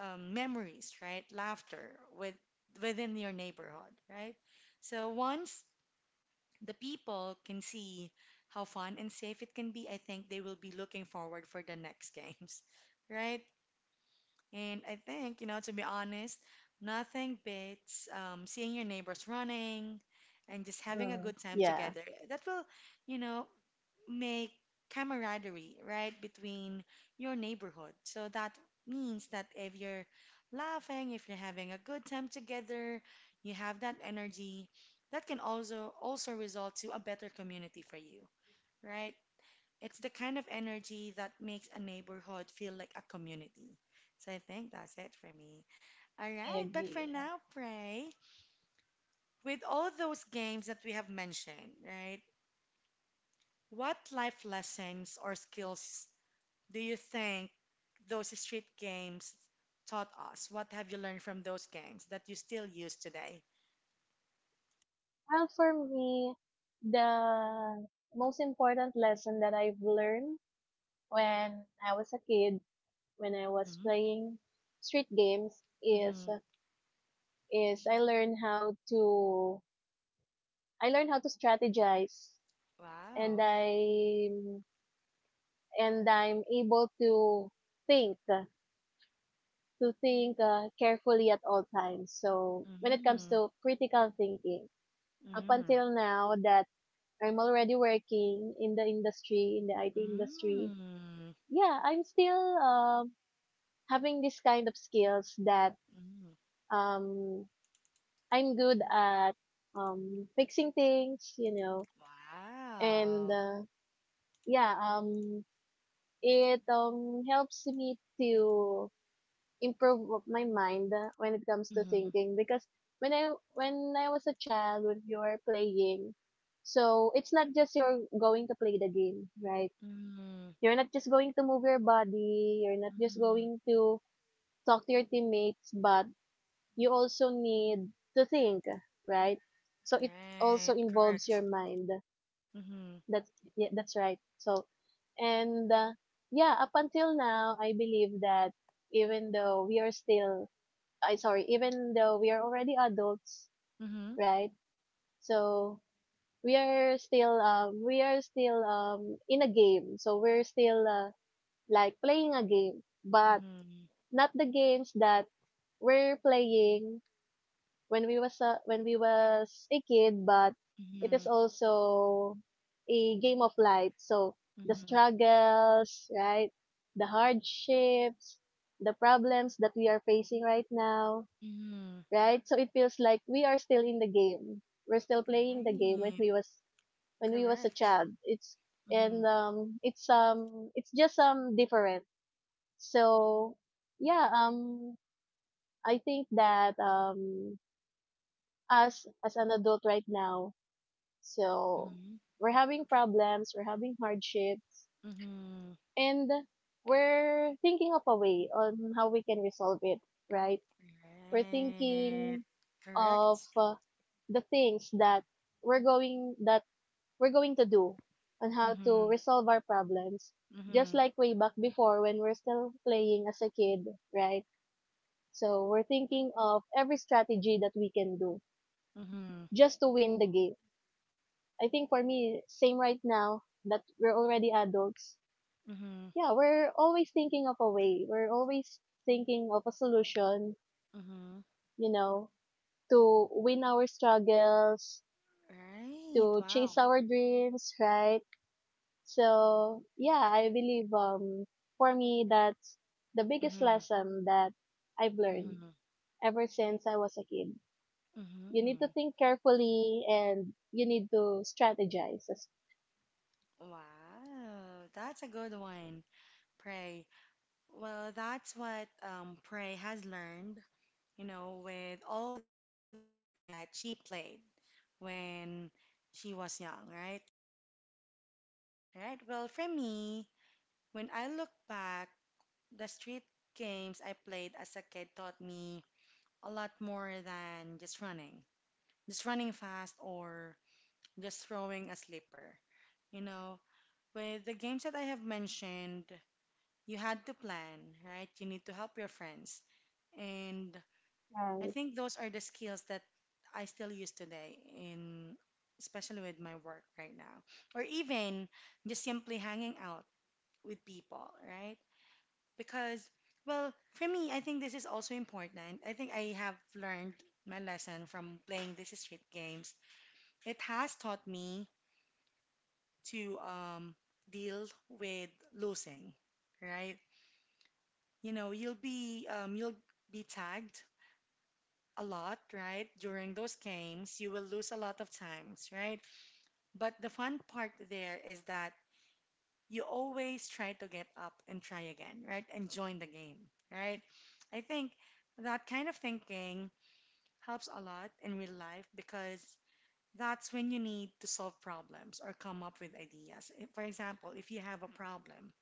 A: memories, right? Laughter with within your neighborhood, right? So once the people can see how fun and safe it can be, I think they will be looking forward for the next games, right? And I think, you know, to be honest, nothing beats seeing your neighbors running and just having a
B: Mm.
A: good time
B: Yeah.
A: together. That will, you know, make camaraderie, right, between your neighborhood. So that means that if you're laughing, if you're having a good time together, you have that energy, that can also result to a better community for you, right? It's the kind of energy that makes a neighborhood feel like a community. So I think that's it for me. All
B: I
A: right, but for
B: agree.
A: now, Pray, with all those games that we have mentioned, right? What life lessons or skills do you think those street games taught us? What have you learned from those games that you still use today?
B: Well, for me, the most important lesson that I've learned when I was a kid, when I was
A: Mm-hmm.
B: playing street games, is
A: Mm-hmm.
B: is I learned how to strategize. and
A: Wow.
B: I and I'm able to think think carefully at all times. So when it comes
A: Mm.
B: to critical thinking, up
A: Mm.
B: until now, that I'm already working in the industry, in the IT industry.
A: Mm.
B: Yeah, I'm still having this kind of skills that,
A: Mm.
B: um, I'm good at fixing things, and
A: Wow.
B: yeah, it helps me to improve my mind when it comes to
A: Mm-hmm.
B: thinking. Because when I was a child, when you're playing, so it's not just you're going to play the game, right?
A: Mm-hmm.
B: You're not just going to move your body, you're not just
A: Mm-hmm.
B: going to talk to your teammates, but you also need to think, right? So it also
A: Right.
B: involves your
A: Correct.
B: mind.
A: Mm-hmm.
B: That's yeah, that's right. And uh, yeah, Up until now, I believe that even though we are still, even though we are already adults,
A: Mm-hmm.
B: right? So we are still, in a game. So we're still like playing a game, but
A: Mm-hmm.
B: not the games that we're playing when when we was a kid, but it
A: Mm-hmm.
B: is also a game of life. So the
A: Mm-hmm.
B: struggles, right? The hardships, the problems that we are facing right now,
A: Mm-hmm.
B: right? So it feels like we are still in the game. We're still playing the game
A: Right.
B: when we was a
A: Correct.
B: child. It's
A: Mm-hmm.
B: and it's it's just different. So yeah, um I think that us as an adult right now, so
A: Mm-hmm.
B: we're having problems, we're having hardships,
A: Mm-hmm.
B: and we're thinking of a way on how we can resolve it, right? We're
A: Right.
B: thinking of
A: Correct.
B: uh, the things that we're going that we're going to do on how to
A: Mm-hmm.
B: resolve our problems, just
A: Mm-hmm.
B: like way back before when we're still playing as a kid, right? So we're thinking of every strategy that we can do
A: Mm-hmm.
B: just to win the game. I think for me, same right now that we're already adults.
A: Mm-hmm.
B: Yeah, we're always thinking of a way. We're always thinking of a solution,
A: Mm-hmm.
B: you know, to win our struggles,
A: Right.
B: to chase
A: Wow.
B: our dreams, right? So, yeah, I believe for me that's the biggest
A: Mm-hmm.
B: lesson that I've learned
A: Mm-hmm.
B: ever since I was a kid. You need to
A: Mm-hmm.
B: think carefully and you need to strategize as
A: Wow. That's a good one. Pray. Well, that's what Prey has learned you know, with all the street games that she played when she was young, right? Right. Well, for me, when I look back, the street games I played as a kid taught me a lot more than just running fast or just throwing a slipper. You know, with the games that I have mentioned, you had to plan, right? You need to help your friends. And
B: uh,
A: I think those are the skills that I still use today in especially with my work right now or even just simply hanging out with people, right? Because well, for me, I think this is also important. I think I have learned my lesson from playing these street games. It has taught me to deal with losing, right? You know, you'll be tagged a lot, right? During those games, you will lose a lot of times, right? But the fun part there is that you always try to get up and try again, right? And join the game, right? I think that kind of thinking helps a lot in real life because that's when you need to solve problems or come up with ideas. For example, if you have a problem,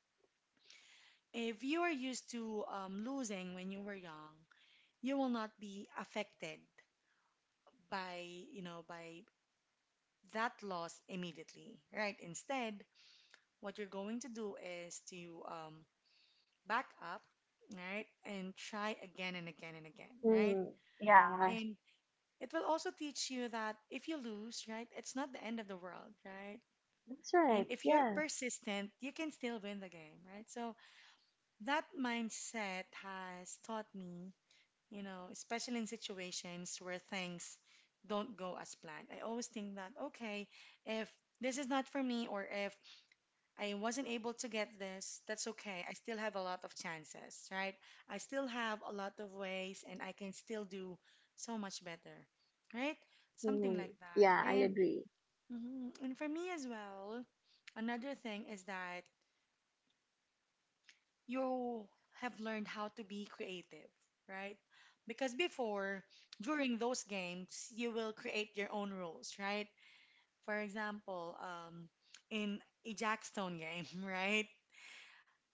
A: if you are used to losing when you were young, you will not be affected by you know by that loss immediately, right? Instead, what you're going to do is to back up, right? And try again and again and again, right?
B: Hmm. Yeah,
A: And it will also teach you that if you lose, right, it's not the end of the world, right?
B: that's right.
A: And if you're
B: Yeah.
A: persistent, you can still win the game, right? So that mindset has taught me, you know, especially in situations where things don't go as planned. I always think that, okay, if this is not for me or if I wasn't able to get this. That's okay. I still have a lot of chances, right? I still have a lot of ways and I can still do so much better, right? Something
B: Hmm.
A: like that.
B: Yeah, I
A: And
B: agree.
A: mhm, and for me as well, another thing is that you have learned how to be creative, right? Because before, during those games, you will create your own rules, right? For example, in a Jackstone game, right?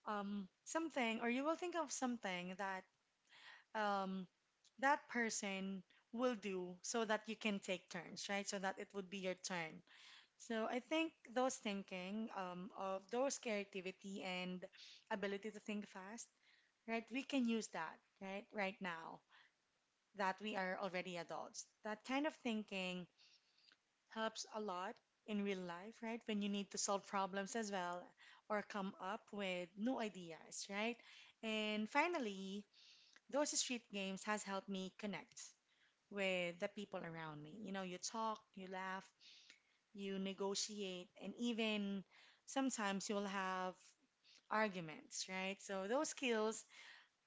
A: something, or you will think of something that um, that person will do so that you can take turns, right? So that it would be your turn. So I think those thinking of those creativity and ability to think fast, right? We can use that, right? Right now that we are already adults. That kind of thinking helps a lot in real life, right? When you need to solve problems as well or come up with new ideas, right? And finally, those street games has helped me connect with the people around me. You know, you talk, you laugh, you negotiate, and even sometimes you'll have arguments, right? So those skills,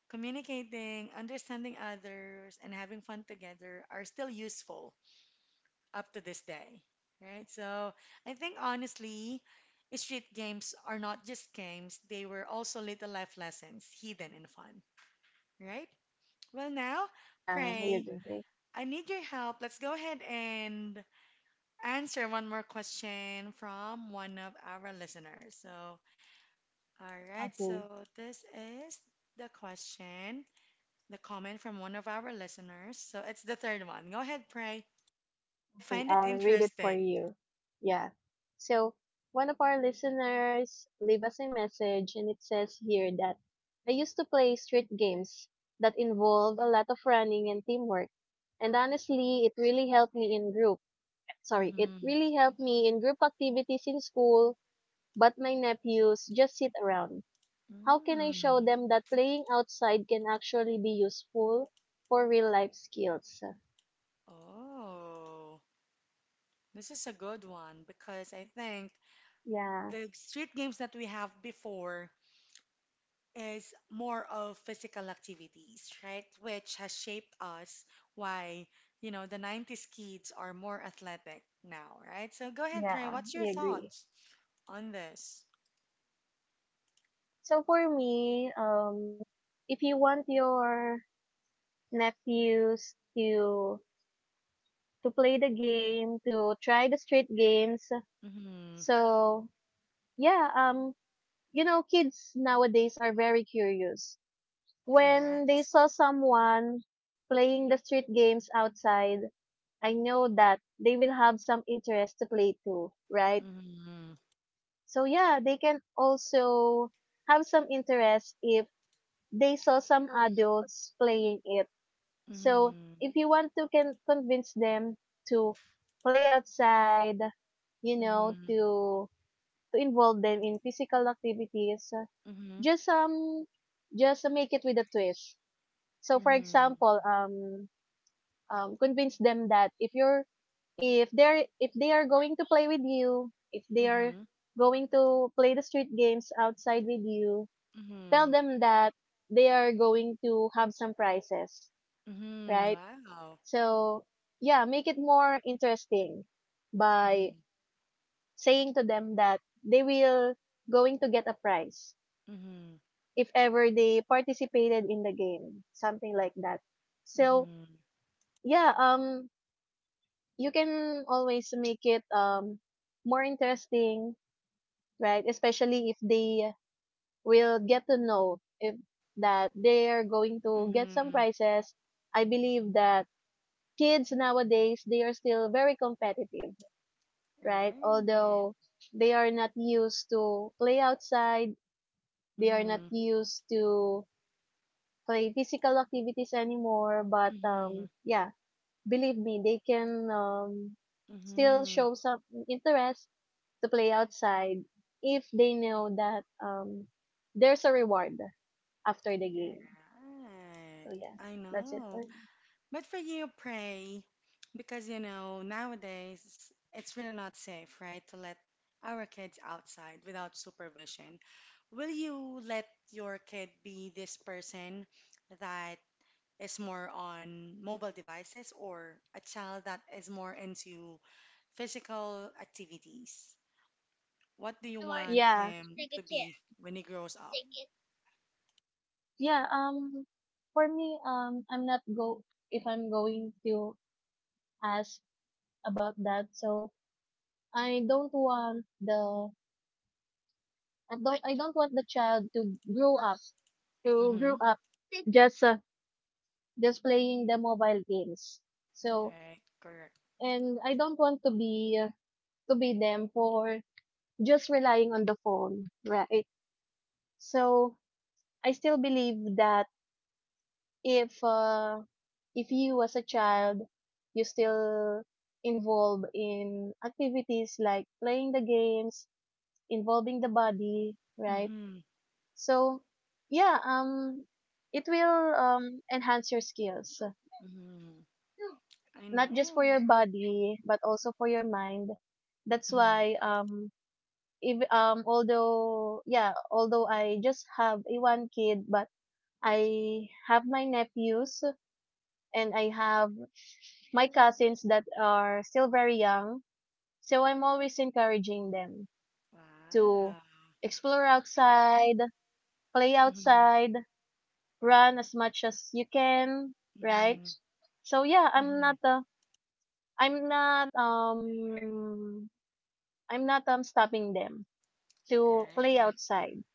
A: communicating, understanding others, and having fun together are still useful up to this day, right? So I think honestly, street games are not just games, they were also little life lessons, hidden and fun, right? Well, now,
B: Yeah, I
A: pray.
B: agree. Okay.
A: I need your help. Let's go ahead and answer one more question from one of our listeners. So, all right,
B: Okay.
A: so this is the question, the comment from one of our listeners. So it's the third one. Go ahead, pray. I
B: Okay.
A: find it
B: I'll read it
A: interesting.
B: for you. Yeah. So one of our listeners leave us a message and it says here that I used to play street games that involved a lot of running and teamwork. And honestly, it really helped me in group. Sorry, it
A: Mm-hmm.
B: really helped me in group activities in school, but my nephews just sit around. How can I show
A: Mm.
B: them that playing outside can actually be useful for real life skills?
A: Oh, this is a good one because I think
B: Yeah,
A: the street games that we have before is more of physical activities, right? Which has shaped us why, you know, the 90s kids are more athletic now, right? So go ahead, Pray.
B: yeah,
A: What's your
B: we agree.
A: thoughts on this?
B: So for me, if you want your nephews to play the game, to try the street games,
A: Mm-hmm.
B: so yeah, you know, kids nowadays are very curious. When they
A: Correct.
B: saw someone playing the street games outside, I know that they will have some interest to play too, right?
A: Mm-hmm.
B: So yeah, they can also have some interest if they saw some adults playing it. So
A: Mm-hmm.
B: if you want to can convince them to play outside, you know,
A: Mm-hmm.
B: to involve them in physical activities,
A: Mm-hmm.
B: just um just make it with a twist. So for
A: Mm-hmm.
B: example, convince them that if they are going to play with you, if they are
A: Mm-hmm.
B: going to play the street games outside with you, tell
A: Mm-hmm.
B: them that they are going to have some prizes,
A: Mm-hmm.
B: right?
A: Wow.
B: So yeah, make it more interesting by
A: Mm-hmm.
B: saying to them that they will going to get a prize
A: Mm-hmm.
B: if ever they participated in the game, something like that. So
A: Mhm.
B: yeah, you can always make it more interesting, right? Especially if they will get to know if that they are going to get some
A: Mhm.
B: prizes. I believe that kids nowadays they are still very competitive, right?
A: Right.
B: Although they are not used to play outside, they are not
A: Mhm.
B: used to play physical activities anymore. But
A: Mhm.
B: yeah, believe me, they can still
A: Mhm.
B: show some interest to play outside if they know that there's a reward after the game.
A: Right.
B: So yeah,
A: I
B: that's it
A: know.
B: for me.
A: But for you, pray, because you know, nowadays it's really not safe, right, to let our kids outside without supervision. Will you let your kid be this person that is more on mobile devices or a child that is more into physical activities? What do you
B: And work
A: want
B: yeah, for
A: him
B: the
A: to
B: chair.
A: be when he grows up?
B: Six. Yeah, for me I'm not go if I'm going to ask about that. So I don't want the I don't want the child to grow up to
A: Mm-hmm.
B: grow up just uh, just playing the mobile games. So
A: Okay, correct.
B: and I don't want to be them for just relying on the phone, right? So I still believe that if uh, if you as a child you still involve in activities like playing the games, involving the body, right?
A: Mm-hmm.
B: So yeah, it will enhance your skills
A: Mm-hmm. I
B: not just for your
A: know.
B: body but also for your mind. That's
A: Mm-hmm.
B: why if, although, although I just have a one kid, but I have my nephews and I have my cousins that are still very young. So I'm always encouraging them to
A: Wow.
B: explore outside, play
A: Mm-hmm.
B: outside, run as much as you can, right?
A: Mm-hmm.
B: So yeah,
A: Mm-hmm.
B: I'm not um I'm not stopping them to play
A: Right.
B: outside,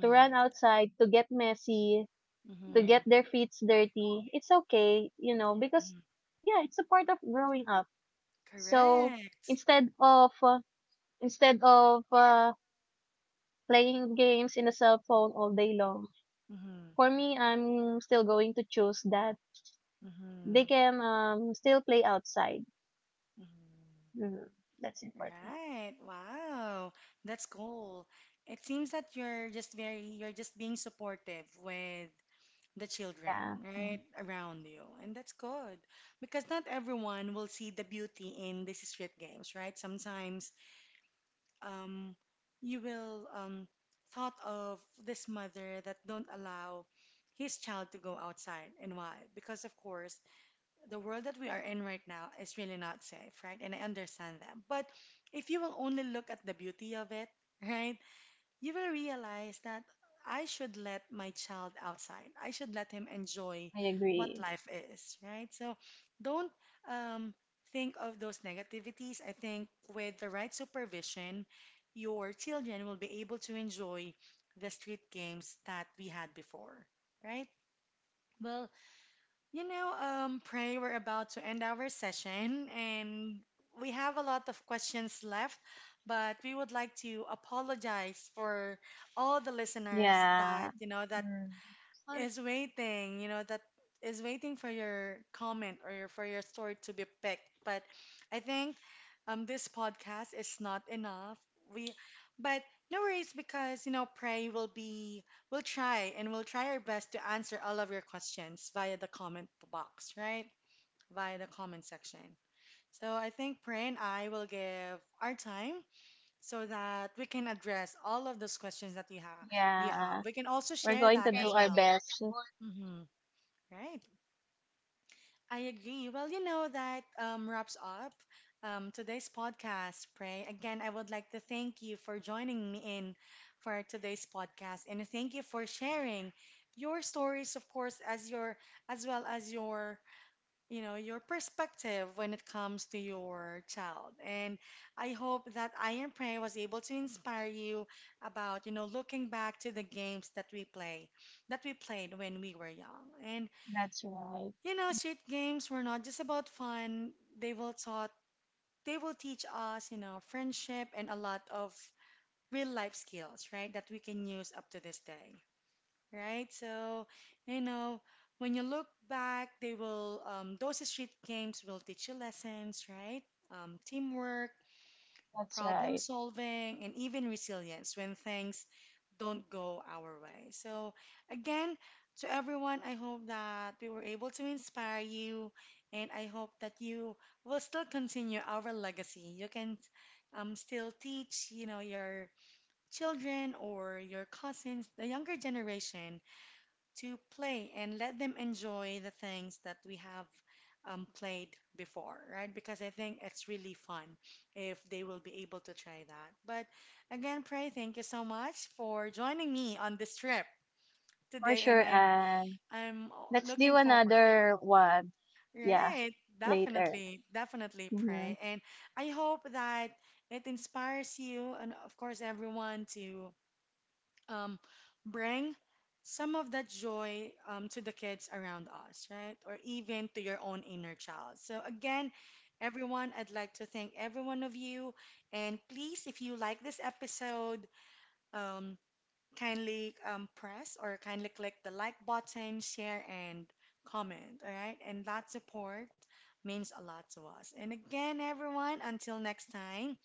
B: to run outside, to get messy, to
A: Mm-hmm.
B: get their feet dirty. It's okay, you know, because yeah, it's a part of growing up. So
A: Correct.
B: instead of uh, instead of playing games in the cell phone all day long,
A: Mm-hmm.
B: for me, I'm still going to choose that they
A: Mm-hmm.
B: can still play outside. Mhm. That's
A: Mm-hmm.
B: important.
A: Right. Wow. That's cool. It seems that you're just very, you're just being supportive with the children
B: Yeah, mhm.
A: right around you and that's good because not everyone will see the beauty in these street games right sometimes um, you will thought of this mother that don't allow his child to go outside and why because of course the world that we are in right now is really not safe right and I understand that but if you will only look at the beauty of it right you will realize that I should let my child outside. I should let him enjoy
B: I
A: what
B: agree.
A: life is, right? So don't um, think of those negativities. I think with the right supervision, your children will be able to enjoy the street games that we had before, right? Well, you know, Pray, we're about to end our session and we have a lot of questions left, but we would like to apologize for all the listeners that,
B: Yeah.
A: you know, that
B: Mm. Well,
A: is waiting, you know, that is waiting for your comment or your, for your story to be picked. But I think this podcast is not enough. We, but no worries because you know, pray will be. We'll try and we'll try our best to answer all of your questions via the comment box, right? Via the comment section. So I think Pray and I will give our time so that we can address all of those questions that you have. You have.
B: yeah,
A: We can also
B: we're
A: share
B: going to
A: that
B: do
A: as
B: right, our
A: well.
B: best.
A: Mm-hmm. Right. I agree. Well, you know, that wraps up today's podcast, Pray. Again, I would like to thank you for joining me in for today's podcast and thank you for sharing your stories, of course, as your as well as your, you know, your perspective when it comes to your child. And I hope that I Am Pray was able to inspire you about, you know, looking back to the games that we play, that we played when we were young. And
B: That's right.
A: you know, street games were not just about fun. They will taught they will teach us, you know, friendship and a lot of real life skills, right? That we can use up to this day, right? So, you know, when you look back, they will those street games will teach you lessons, right? Teamwork,
B: That's
A: problem
B: right.
A: solving, and even resilience when things don't go our way. So, again, to everyone, I hope that we were able to inspire you, and I hope that you will still continue our legacy. You can still teach, you know, your children or your cousins, the younger generation, to play and let them enjoy the things that we have played before, right? Because I think it's really fun if they will be able to try that. But again, Pray, thank you so much for joining me on this trip
B: For
A: today, and
B: sure,
A: I'm
B: and.
A: I'm
B: Let's do
A: looking forward.
B: another one. Yeah,
A: Right,
B: later.
A: definitely, definitely
B: Hmm.
A: pray. And I hope that it inspires you and, of course, everyone to um, bring some of that joy to the kids around us, right? Or even to your own inner child. So, again, everyone, I'd like to thank every one of you. And please, if you like this episode, um, kindly press or kindly click the like button, share, and comment, all right? And that support means a lot to us. And again, everyone, until next time,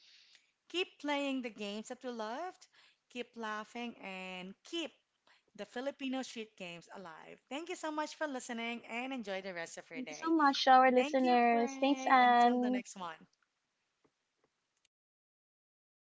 A: keep playing the games that we loved, keep laughing, and keep the Filipino street games alive. Thank you so much for listening and enjoy the rest of your
B: Thank you so
A: day.
B: much to our
A: Thank you,
B: listeners. Thanks,
A: Pray. Until the
B: Anne.
A: next one.